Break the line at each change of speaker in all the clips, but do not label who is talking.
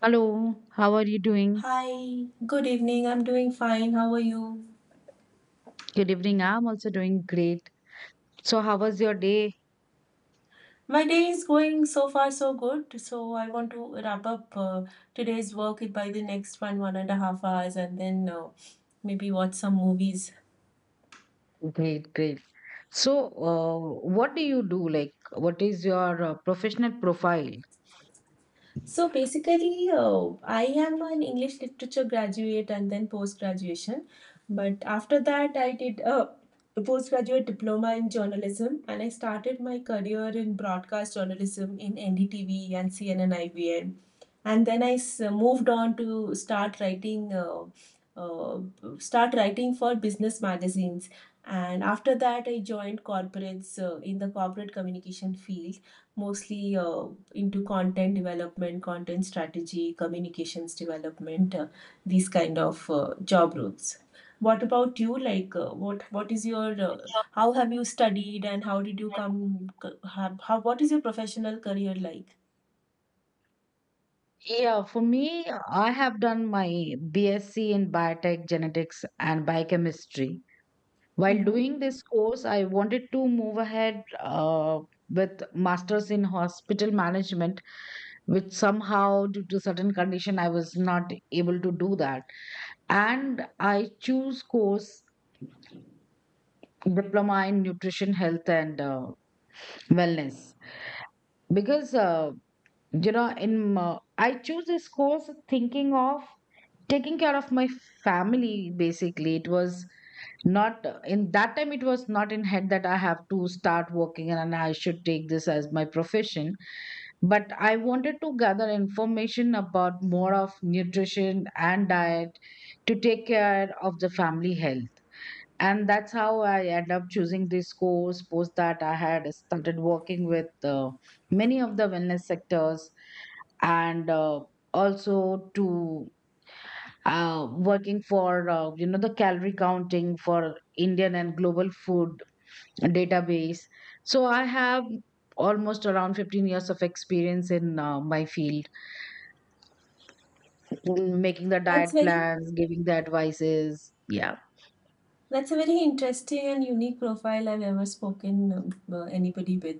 Hello, how are you doing?
Hi, good evening. I'm doing fine. How are you?
Good evening. I'm also doing great. So, how was your day?
My day is going so far so good. So I want to wrap up today's work by the next one and a half hours, and then maybe watch some movies.
Great, great. So, uh, what do you do? Like, what is your professional profile?
So basically, I am an English literature graduate and then post graduation. But after that, I did a postgraduate diploma in journalism and I started my career in broadcast journalism in NDTV and CNN IVN. And then moved on to start writing. Uh, Start writing for business magazines, and after that I joined corporates in the corporate communication field, mostly into content development, content strategy, communications development, these kind of job roles. What about you? Like, what is your how have you studied and how did you come? C- Have, how What is your professional career like?
Yeah, for me, I have done my BSc in biotech genetics and biochemistry. While
Mm-hmm.
doing this course, I wanted to move ahead with masters in hospital management, which somehow, due to certain condition, I was not able to do that. And I choose course diploma in nutrition, health, and wellness because you know in I choose this course thinking of taking care of my family. Basically, it was not, in that time it was not in head that I have to start working and I should take this as my profession, but I wanted to gather information about more of nutrition and diet to take care of the family health. And that's how I end up choosing this course. Post that, I had started working with many of the wellness sectors, and also to working for you know, the calorie counting for indian and global food database. So I have almost around 15 years of experience in my field, in making the diet
That's very
plans, giving the advices, yeah.
That's a very interesting and unique profile I've ever spoken anybody with.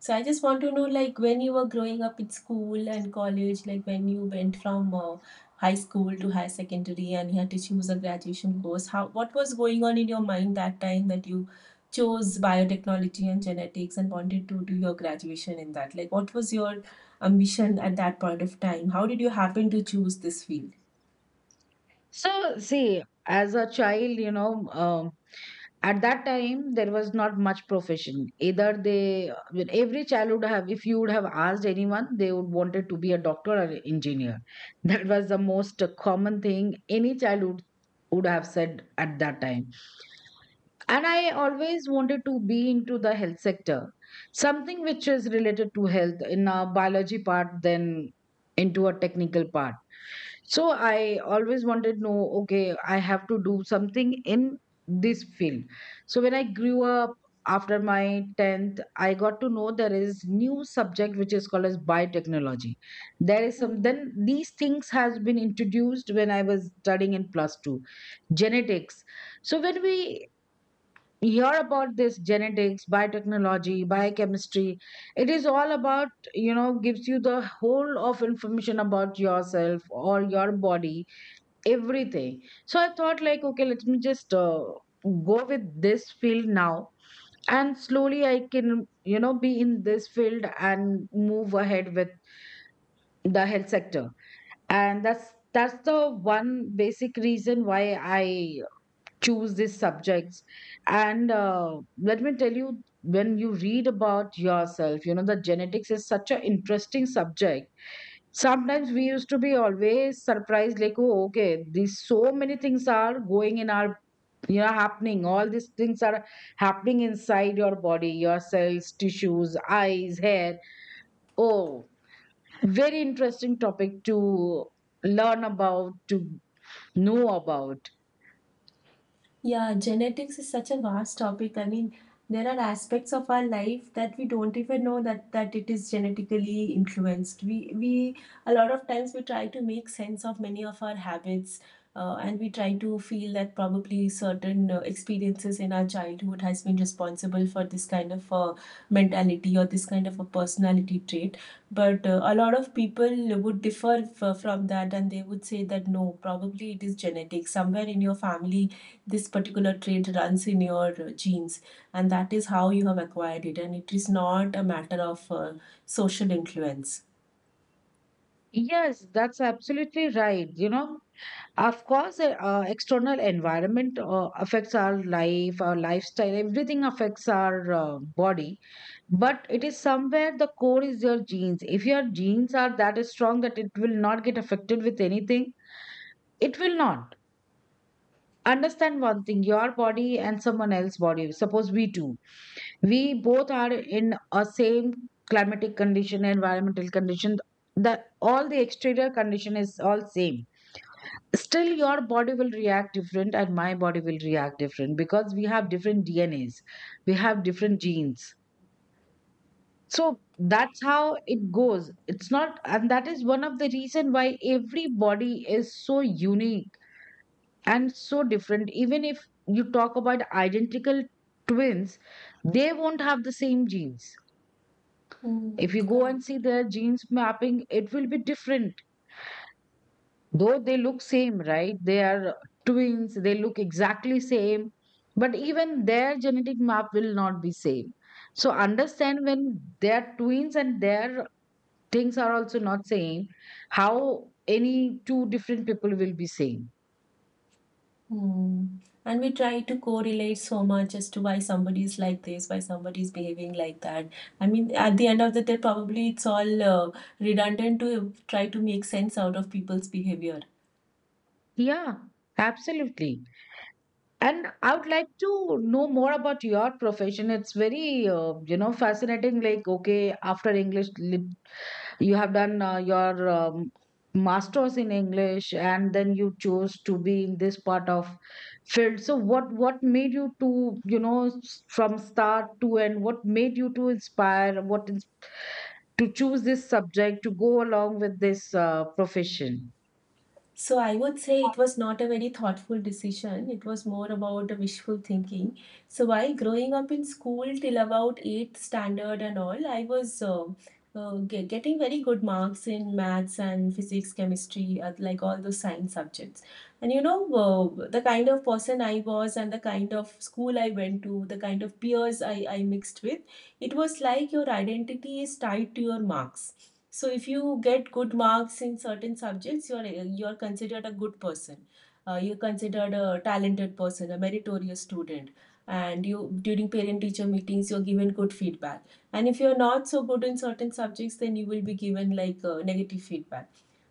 So I just want to know, like, when you were growing up in school and college, like when you went from high school to high secondary and you had to choose a graduation course, how what was going on in your mind that time that you chose biotechnology and genetics and wanted to do your graduation in that? Like, what was your ambition at that point of time? How did you happen to choose this
So, see, as a child, you know, um, at that time there was not much profession. Either they, I, every child would have, if you would have asked anyone, they would wanted to be a doctor or an engineer. That was the most common thing any child would have said at that time. And I always wanted to be into the health sector, something which is related to health in a biology part, then into a technical part. So I always wanted to know, okay, I have to do something in this field. So when I grew up, after my 10th, I got to know there is new subject which is called as biotechnology. There is some,
field?
then these things has been introduced when I was studying in plus 2, genetics. So when we hear about this genetics, biotechnology, biochemistry, it is all about, you know, gives you the whole of information about yourself or your body, everything. So I thought like, okay, let me just go with this field now, and slowly I can, you know, be in this field and move ahead with the health sector. And that's the one basic reason why I choose these subjects. And let me tell you, when you read about yourself, you know, the genetics is such an interesting subject. Sometimes we used to be always surprised, like, oh okay, these so many things are going in our, you know, happening, all these things are happening inside your body, your cells, tissues, eyes, hair. Oh, very interesting topic to learn about, to know about.
Yeah, genetics is such a vast topic. I mean, there are aspects of our life that we don't even know that it is genetically influenced. We A lot of times we try to make sense of many of our habits, and we try to feel that probably certain experiences in our childhood has been responsible for this kind of mentality or this kind of a personality trait. But a lot of people would differ from that, and they would say that no, probably it is genetic. Somewhere in your family this particular trait runs in your genes, and that is how you have acquired it, and it is not a matter of social influence.
Yes, that's absolutely right, you know. Of course, external environment affects our life, our lifestyle, everything affects our body. But it is somewhere the core is your genes. If your genes are that strong that it will not get affected with anything, it will not. Understand one thing, your body and someone else's body. Suppose we two, we both are in a same climatic condition, environmental condition. The all the exterior condition is all same, still your body will react different and my body will react different because we have different dnas, we have different genes. So that's how it goes. It's not, and that is one of the reason why every body is so unique and so different. Even if you talk about identical twins, they won't have the same genes. If
Hmm,
you go and
correct.
see their genes mapping, it will be different. Though they look same, right, they are twins, they look exactly same, but even their genetic map will not be same. So understand, when they are twins and their things are also not same, how any two different people will be same.
Hmm. And we try to correlate so much as to why somebody is like this, why somebody is behaving like that. I mean, at the end of the day, probably it's all redundant to try to make sense out of people's behavior.
Yeah, absolutely. And I would like to know more about your profession. It's very you know, fascinating, like, okay, after english you have done your masters in english and then you chose to be in this part of field. So what made you to, you know, from start to end, what made you to inspire, to choose this subject to go along with this profession?
So I would say it was not a very thoughtful decision. It was more about a wishful thinking. So while growing up in school till about eighth standard and all, I was getting very good marks in maths and physics, chemistry, like all those science subjects. And you know, the kind of person I was and the kind of school I went to, the kind of peers I mixed with, it was like your identity is tied to your marks. So if you get good marks in certain subjects, you're considered a good person. You're considered a talented person, a meritorious student. And you during parent-teacher meetings, you're given good feedback. And if you're not so good in certain subjects, then you will be given like negative feedback.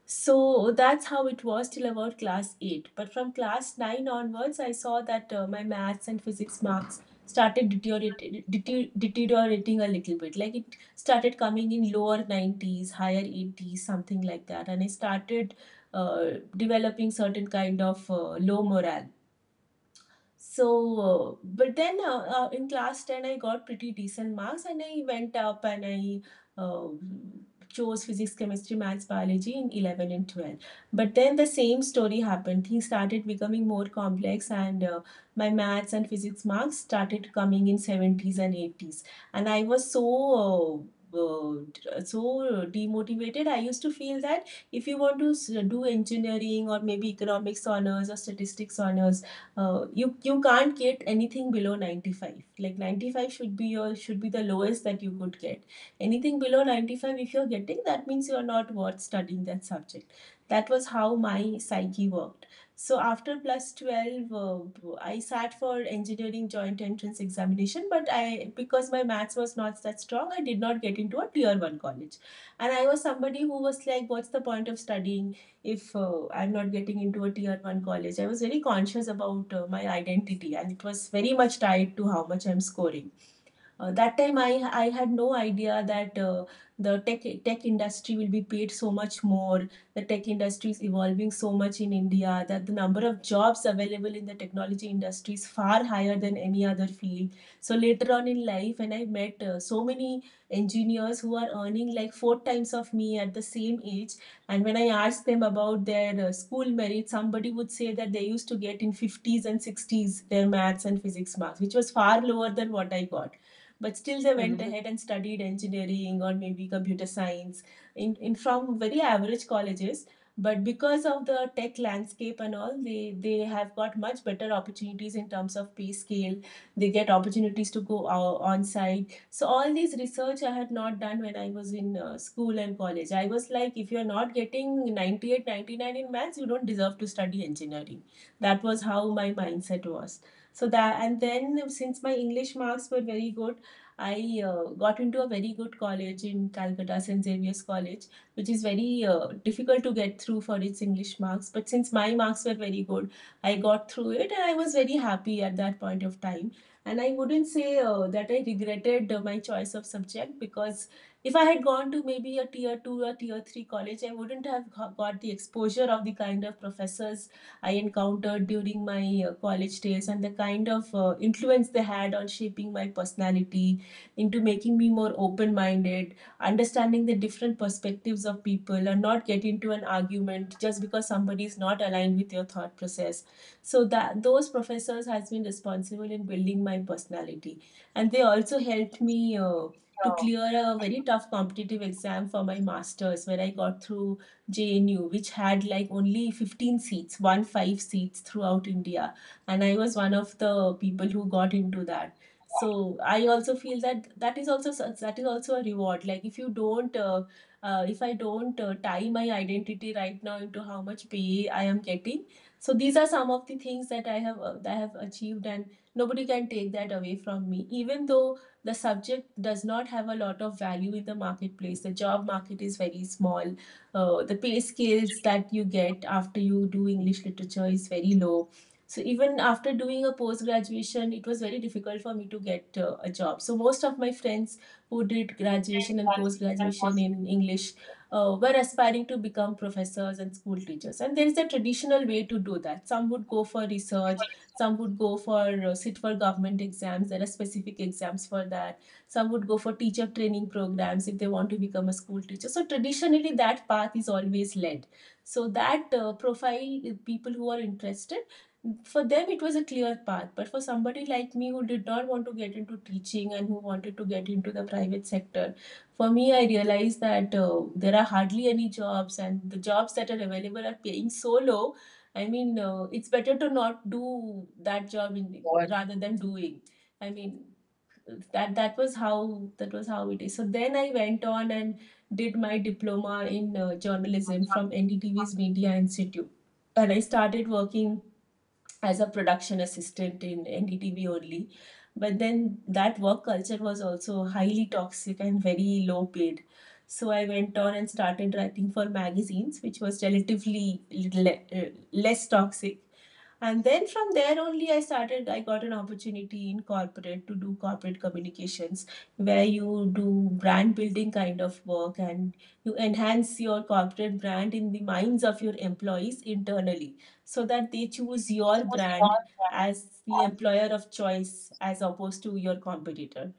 So that's how it was till about class 8. But from class 9 onwards, I saw that my maths and physics marks started deteriorating a little bit. Like it started coming in lower 90s, higher 80s, something like that. And I started uh, developing certain kind of low morale. So, but then in class 10, I got pretty decent marks, and I went up and I chose physics, chemistry, maths, biology in 11 and 12. But then the same story happened. Things started becoming more complex, and my maths and physics marks started coming in 70s and 80s. And I was uh, so demotivated. I used to feel that if you want to do engineering or maybe economics honors or statistics honors, you can't get anything below 95, like 95 should be your should be the lowest that you could get. Anything below 95 if you're getting, that means you're not worth studying that subject. That was how my psyche worked. So after plus 12, I sat for engineering joint entrance examination, but I because my maths was not that strong, I did not get into a tier 1 college. And I was somebody who was like, what's the point of studying if I'm not getting into a tier 1 college. I was very conscious about my identity, and it was very much tied to how much I'm scoring. That time I had no idea that the tech industry will be paid so much more. The tech industry is evolving so much in India that the number of jobs available in the technology industry is far higher than any other field. So later on in life, when I met so many engineers who are earning like four times of me at the same age, and when I asked them about their school merit, somebody would say that they used to get in 50s and 60s their maths and physics marks, which was far lower than what I got. But still, they went
Mhm.
ahead and studied engineering or maybe computer science in from very average colleges. But because of the tech landscape and all, they have got much better opportunities in terms of pay scale. They get opportunities to go on site. So all these research I had not done when I was in school and college. I was like, if you're not getting 98, 99 in maths, you don't deserve to study engineering. That was how my mindset was. So that and then since my English marks were very good, I got into a very good college in Calcutta, St. Xavier's College, which is very difficult to get through for its English marks. But since my marks were very good, I got through it, and I was very happy at that point of time. And I wouldn't say that I regretted my choice of subject, because if I had gone to maybe a tier 2 or tier 3 college, I wouldn't have got the exposure of the kind of professors I encountered during my college days and the kind of influence they had on shaping my personality into making me more open minded, understanding the different perspectives of people, and not get into an argument just because somebody is not aligned with your thought process. So that those professors has been responsible in building my personality, and they also helped me to
Yeah.
clear a very tough competitive exam for my masters, where I got through JNU, which had like only 15 seats, 15 seats, throughout India, and I was one of the people who got into that. So I also feel that that is also a reward. Like, if you don't if I don't tie my identity right now into how much pay I am getting. So these are some of the things that I have achieved, and nobody can take that away from me, even though the subject does not have a lot of value in the marketplace. The job market is very small. The pay scales that you get after you do English literature is very low. So even after doing a post graduation, it was very difficult for me to get a job. So most of my friends who did graduation and post graduation in English were aspiring to become professors and school teachers. And there is a traditional way to do that. Some would go for research, some would go for sit for government exams. There are specific exams for that. Some would go for teacher training programs if they want to become a school teacher. So traditionally, that path is always led. So that profile people who are interested, for them, it was a clear path. But for somebody like me who did not want to get into teaching and who wanted to get into the private sector, for me, I realized that there are hardly any jobs, and the jobs that are available are paying so low. I mean, it's better to not do that job, in, rather than doing. I mean, that was how it is. So then I went on and did my diploma in journalism from NDTV's Media Institute, and I started working as a production assistant in NDTV only. But then that work culture was also highly toxic and very low paid. So I went on and started writing for magazines, which was relatively less toxic. And then from there only I got an opportunity in corporate to do corporate communications, where you do brand building kind of work, and you enhance your corporate brand in the minds of your employees internally, so that they choose your brand as the employer of choice as opposed to your competitor.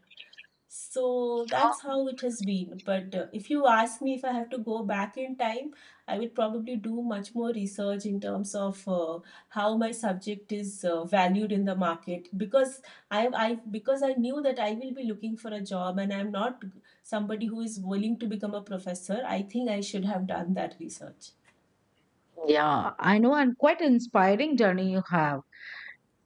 So that's how it has been. But if you ask me, if I have to go back in time, I would probably do much more research in terms of how my subject is valued in the market. Because I because I knew that I will be looking for a job, and I'm not somebody who is willing to become a professor. I think I should have done that research.
Yeah, I know, and quite inspiring journey you have.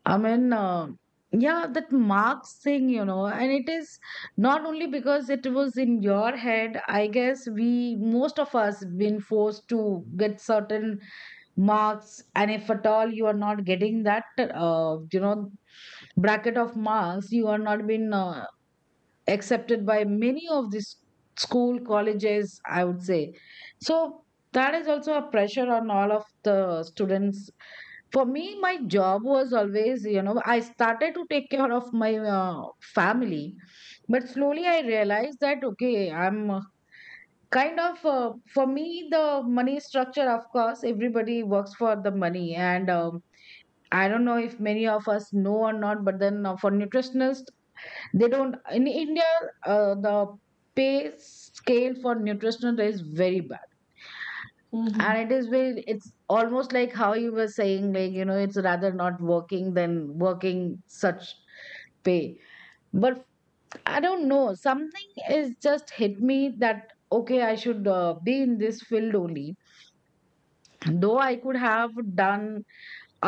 I mean, yeah, that marks thing, you know, and it is not only because it was in your head. I guess we, most of us, been forced to get certain marks, and if at all you are not getting that, you know, bracket of marks, you are not been accepted by many of these school colleges, I would say. So that is also a pressure on all of the students. For me, my job was always, you know, I started to take care of my uh, family. But slowly I realized that, okay, I'm kind of, for me, the money structure, of course everybody works for the money, and I don't know if many of us know or not, but then for nutritionists, they don't, in india, the pay scale for nutritionist is very bad.
Hmm.
And it is very, it's almost like how you were saying, like, you know, it's rather not working than working such pay. But I don't know, something is just hit me that, okay, I should be in this field only. Though I could have done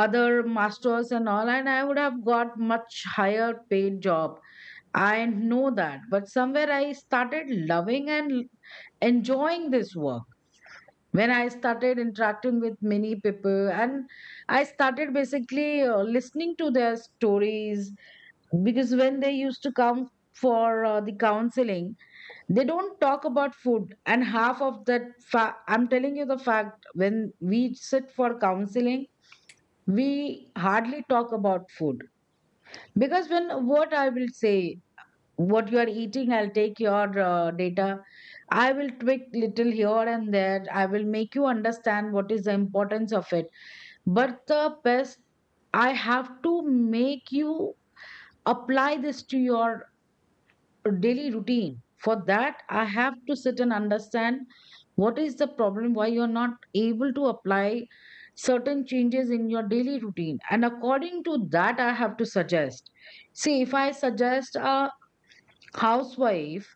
other masters and all, and I would have got much higher paid job, I know that, but somewhere I started loving and enjoying this work. When I started interacting with many people, and I started basically listening to their stories, because when they used to come for the counseling, they don't talk about food. And half of that I'm telling you the fact, when we sit for counseling, we hardly talk about food. Because when, what I will say, what you are eating, I'll take your data, I will tweak little here and there, I will make you understand what is the importance of it. But the best, I have to make you apply this to your daily routine. For that, I have to sit and understand what is the problem, why you are not able to apply certain changes in your daily routine, and according to that, I have to suggest. See, if I suggest a housewife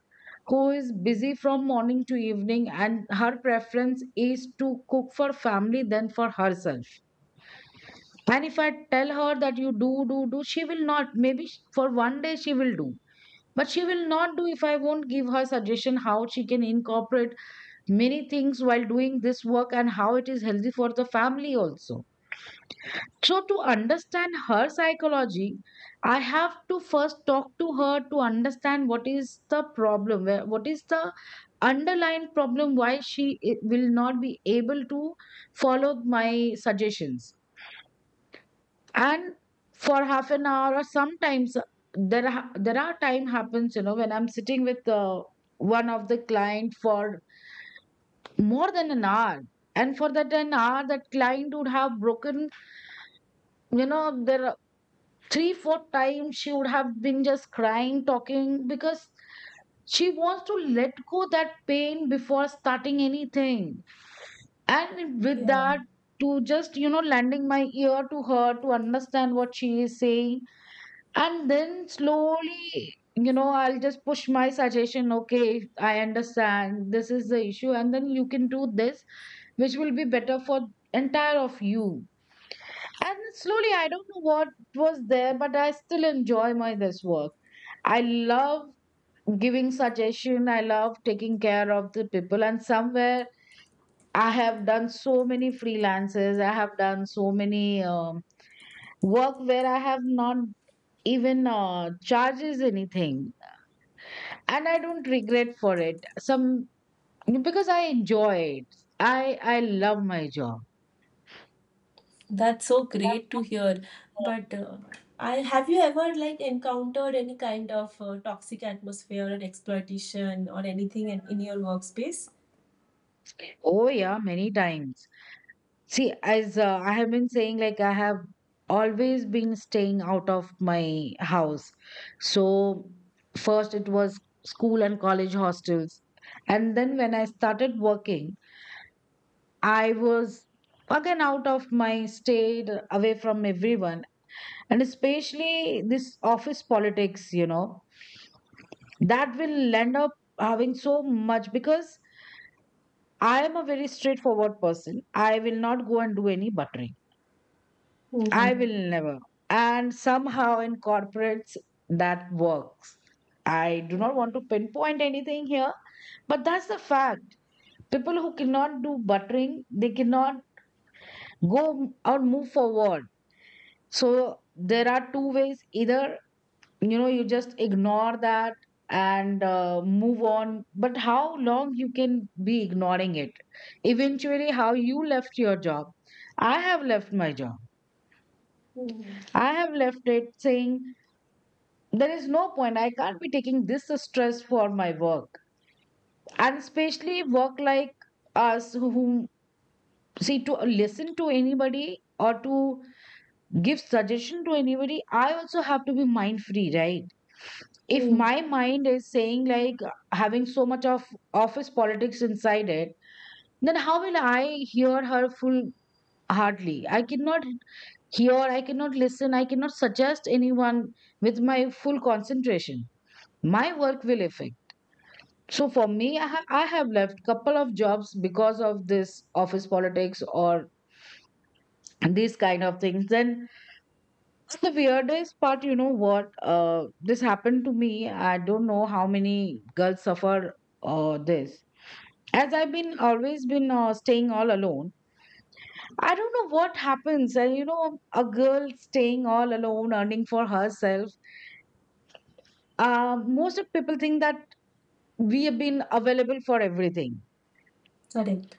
who is busy from morning to evening and her preference is to cook for family than for herself, and if I tell her that you do do do, she will not, maybe for 1 day she will do, but she will not do if I won't give her suggestion how she can incorporate many things while doing this work and how it is healthy for the family also. So to understand her psychology, I have to first talk to her to understand what is the problem, what is the underlying problem, why she will not be able to follow my suggestions. And for 1/2 an hour, or sometimes there are time happens, you know, when I'm sitting with one of the client for more than an hour, and for that an hour that client would have broken, you know, there are 3 4 times she would have been just crying, talking, because she wants to let go that pain before starting anything. And with
Yeah.
that, to just, you know, lending my ear to her to understand what she is saying, and then slowly, you know, I'll just push my suggestion, okay, I understand this is the issue, and then you can do this, which will be better for entire of you. And slowly, I don't know what was there, but I still enjoy my this work. I love giving suggestion, I love taking care of the people, and somewhere I have done so many freelances. I have done so many work where I have not even charges anything, and I don't regret for it. Some, because I enjoy it. I love my job.
That's so great to hear. But I have you ever like encountered any kind of toxic atmosphere or exploitation or anything in your workspace?
Oh yeah, many times. See, as I have been saying, like, I have always been staying out of my house. So, first it was school and college hostels. And then when I started working, I was again out of my state, away from everyone. And especially this office politics, you know, that will end up having so much because I am a very straightforward person. I will not go and do any buttering. I
Mm-hmm.
will never. And somehow in corporates that works. I do not want to pinpoint anything here, but that's the fact. People who cannot do buttering, they cannot go or move forward. So there are two ways. Either, you just ignore that and move on. But how long you can be ignoring it? Eventually, how you left your job. I have left my job. I have left it saying there is no point. I can't be taking this stress for my work, and especially work like us who whom- see, to listen to anybody or to give suggestion to anybody, I also have to be mind free, right? If
Hmm.
my mind is saying like having so much of office politics inside it, then how will I hear her full heartedly I cannot hear, I cannot listen, I cannot suggest anyone with my full concentration. My work will affect. So for me, I have left couple of jobs because of this office politics or these kind of things. Then the weirdest part, you know what? This happened to me. I don't know how many girls suffer this. As I've been always been staying all alone, I don't know what happens. And you know, a girl staying all alone, earning for herself. Most of people think that we have been available for everything.
Correct.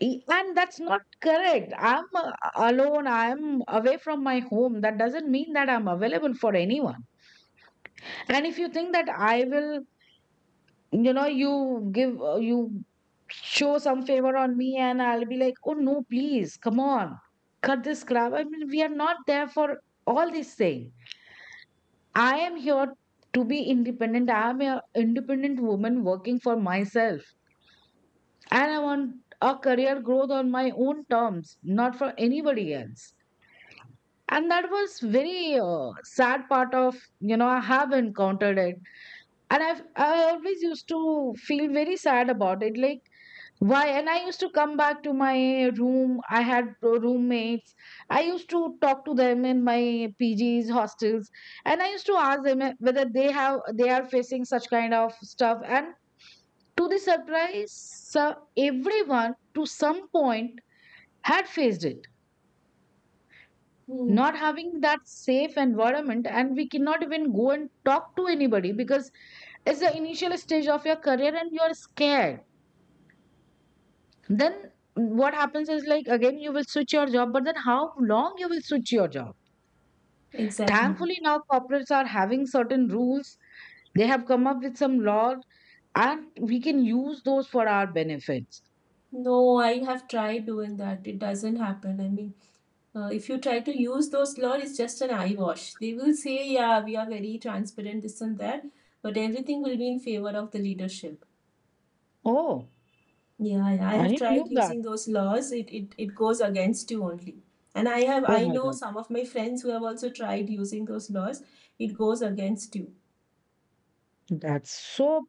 And that's not correct. I'm alone. I'm away from my home. That doesn't mean that I'm available for anyone. And if you think that I will, you show some favor on me and I'll be like, oh no, please, come on, cut this crap. I mean, we are not there for all these things. I am here to be independent. I am an independent woman working for myself. And I want a career growth on my own terms, not for anybody else. And that was very sad part of, you know, I have encountered it. And I've I always used to feel very sad about it, like why. And I used to come back to my room. I had roommates. I used to talk to them in my PGs hostels, and I used to ask them, whether they are facing such kind of stuff. And to the surprise, uh, everyone to some point had faced it.
Hmm.
Not having that safe environment, and we cannot even go and talk to anybody because it's the initial stage of your career and you're scared. Then what happens is, like, again you will switch your job, but then how long you will switch your job?
Exactly.
Thankfully now corporates are having certain rules. They have come up with some law, and we can use those for our benefits.
No, I have tried doing that. It doesn't happen. I mean, if you try to use those laws, it's just an eye wash. They will say, yeah, we are very transparent, this and that, but everything will be in favor of the leadership.
Oh,
Yeah, yeah. I
I
have
didn't knew
tried
that.
using those laws. It goes against you only. And I have
Oh
I
my
know
god,
some of my friends who have also tried using those laws. It goes against you.
that's so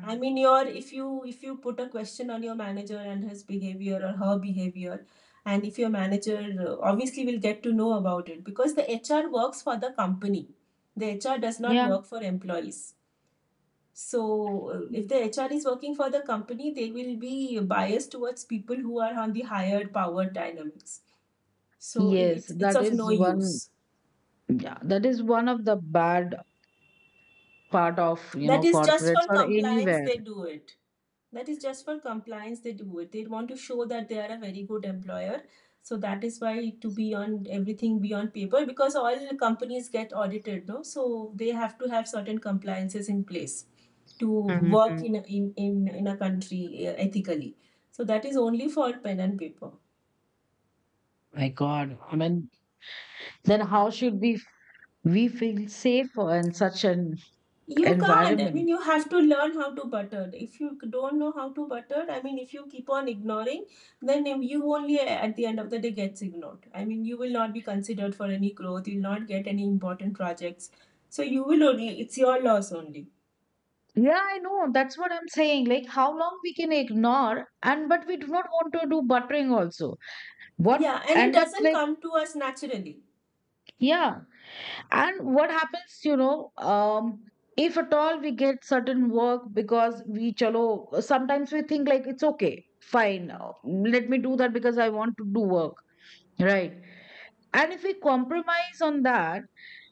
I mean, your if you put a question on your manager and his behavior or her behavior, and if your manager obviously will get to know about it, because the HR works for the company. The HR does not
Yeah.
work for employees. So, if the HR is working for the company, they will be biased towards people who are on the higher power dynamics. So,
yes
it's
that
of
is
no
one
use.
Yeah, that is one of the bad part of, you
That
know,
is just for
corporates or
compliance,
anywhere.
they do it. That is just for compliance, they do it. They want to show that they are a very good employer. So that is why to be on everything beyond paper, because all companies get audited, no? So they have to have certain compliances in place to work
Hmm.
in a, in a country ethically. So that is only for pen and paper.
My god, I mean, then how should we feel safe in such an
You can't. I mean,
environment?
you have to learn how to butter. If you don't know how to butter, I mean, if you keep on ignoring, then you only at the end of the day gets ignored. I mean, you will not be considered for any growth. You'll not get any important projects. So you will only. It's your loss only.
Yeah, I know. That's what I'm saying. Like, how long we can ignore, and but we do not want to do buttering also. What
Yeah, and it
end up
doesn't
like?
come to us naturally.
Yeah, and what happens, you know, if at all we get certain work, because we chalo, sometimes we think like it's okay, fine, let me do that because I want to do work, right? And if we compromise on that,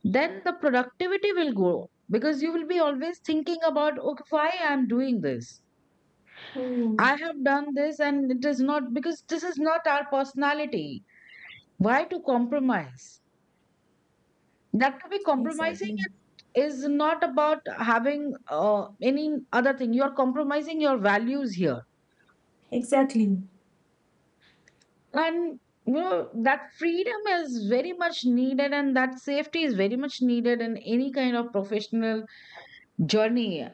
then the productivity will go because you will be always thinking about okay, why I'm doing this.
Hmm.
I have done this, and it is not because this is not our personality. Why to compromise? That, to be compromising,
Exactly.
is not about having any other thing. You're compromising your values here.
Exactly.
And you know that freedom is very much needed, and that safety is very much needed in any kind of professional journey.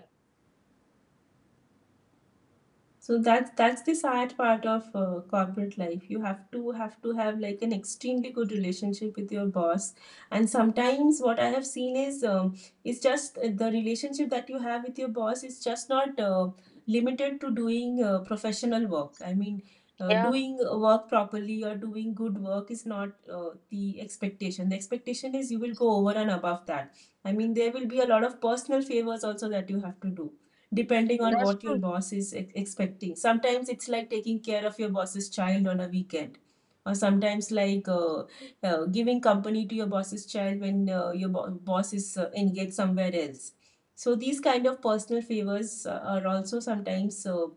So that's the sad part of corporate life. You have to have like an extremely good relationship with your boss, and sometimes what I have seen is just the relationship that you have with your boss is just not limited to doing professional work. I mean,
Yeah,
doing work properly or doing good work is not the expectation. The expectation is you will go over and above that. I mean, there will be a lot of personal favors also that you have to do depending on
that's
what your
true.
boss is expecting. Sometimes it's like taking care of your boss's child on a weekend, or sometimes like giving company to your boss's child when your boss is engaged somewhere else. So these kind of personal favors are also sometimes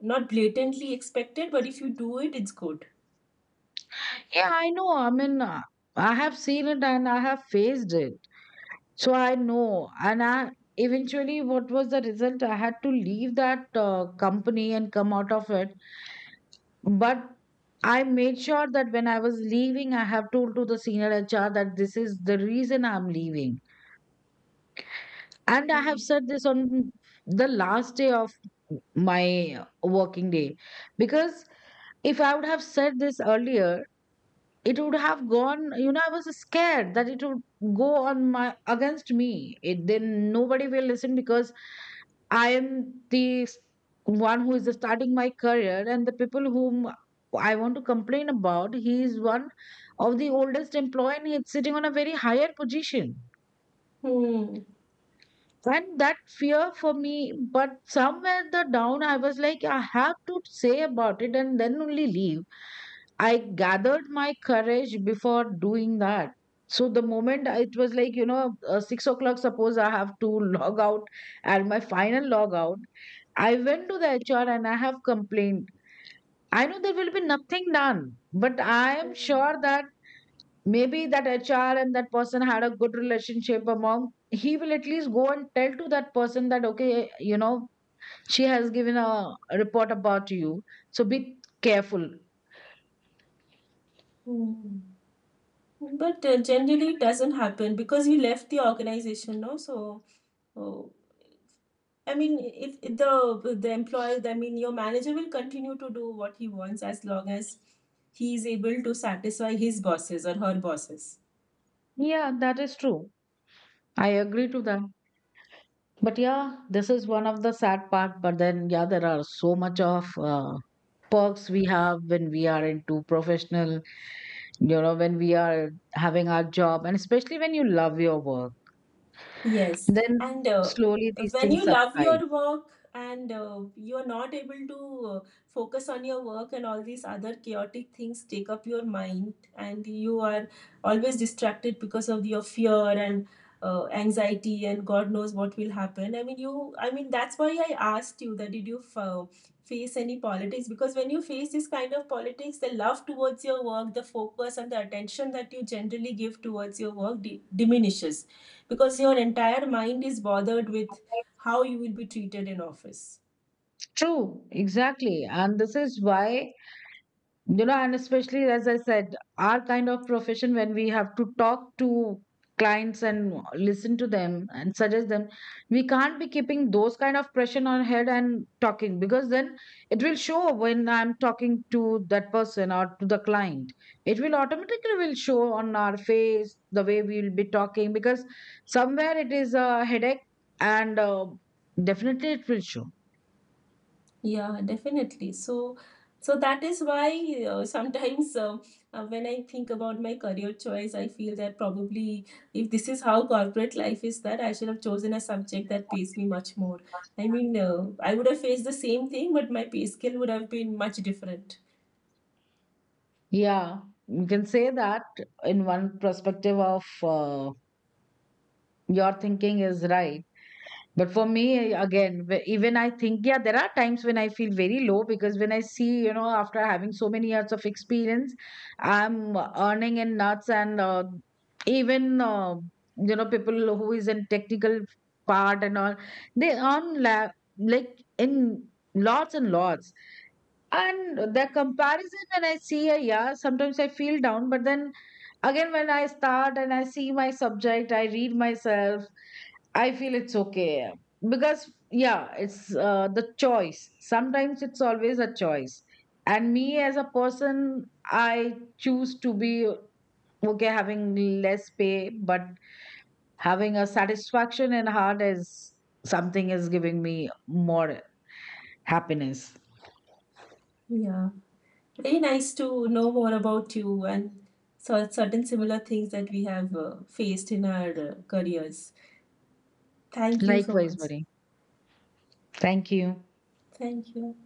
not blatantly expected, but if you do it, it's good.
yeah i know i mean uh, I have seen it and I have faced it. So I know, and I eventually what was the result? I had to leave that company and come out of it. But I made sure that when I was leaving, I have told to the senior HR that this is the reason I'm leaving. And I
Hmm.
have said this on the last day of my working day. Because if I would have said this earlier, it would have gone. You know, I was scared that it would go on my against me. Then nobody will listen, because I am the s- one who is starting my career, and the people whom I want to complain about, he is one of the oldest employee and he's sitting on a very higher position.
Hmm.
And that fear for me. But somewhere the down I was like, I have to say about it and then only leave. I gathered my courage before doing that. So the moment it was like, you know, 6 o'clock, suppose I have to log out and my final log out, I went to the HR and I have complained. I know there will be nothing done, but I am
Hmm.
sure that maybe that HR and that person had a good relationship among, he will at least go and tell to that person that, okay, you know, she has given a report about you. So be careful.
Hmm. But generally, it doesn't happen because you left the organization, no? So. uh, I mean, if the employer, I mean, your manager will continue to do what he wants as long as he is able to satisfy his bosses or her bosses.
Yeah, that is true. I agree to that. But yeah, this is one of the sad part. But then, yeah, there are so much of perks we have when we are into professional, you know, when we are having our job, and especially when you love your work.
Yes, and
Then slowly these
when
things
you love
subside.
your work and you're not able to focus on your work, and all these other chaotic things take up your mind, and you are always distracted because of your fear and anxiety, and God knows what will happen. I mean, you, I mean, that's why I asked you that did you face any politics? Because when you face this kind of politics, the love towards your work, the focus, and the attention that you generally give towards your work diminishes, because your entire mind is bothered with how you will be treated in office.
True, exactly. And this is why, you know, and especially as I said, our kind of profession, when we have to talk to clients and listen to them and suggest them, we can't be keeping those kind of pressure on head and talking, because then it will show when I'm talking to that person or to the client. It will automatically will show on our face the way we will be talking, because somewhere it is a headache, and definitely it will show.
Yeah, definitely. So so that is why sometimes when I think about my career choice, I feel that probably if this is how corporate life is, that I should have chosen a subject that pays me much more. I mean, I would have faced the same thing, but my pay scale would have been much different.
Yeah, you can say that. In one perspective of your thinking is right. But for me, again, even I think, yeah, there are times when I feel very low, because when I see, you know, after having so many years of experience, I'm earning in nuts and even, uh, you know, people who is in technical part and all, they earn like in lots and lots. And the comparison when I see a, yeah, sometimes I feel down, but then again, when I start and I see my subject, I read myself, I feel it's okay. Because, yeah, it's the choice. Sometimes it's always a choice. And me as a person, I choose to be okay having less pay, but having a satisfaction in heart is something is giving me more happiness.
Yeah. Very nice to know more about you and certain similar things that we have faced in our careers. Thank you so
Likewise,
much.
Marie. Thank you.
Thank you.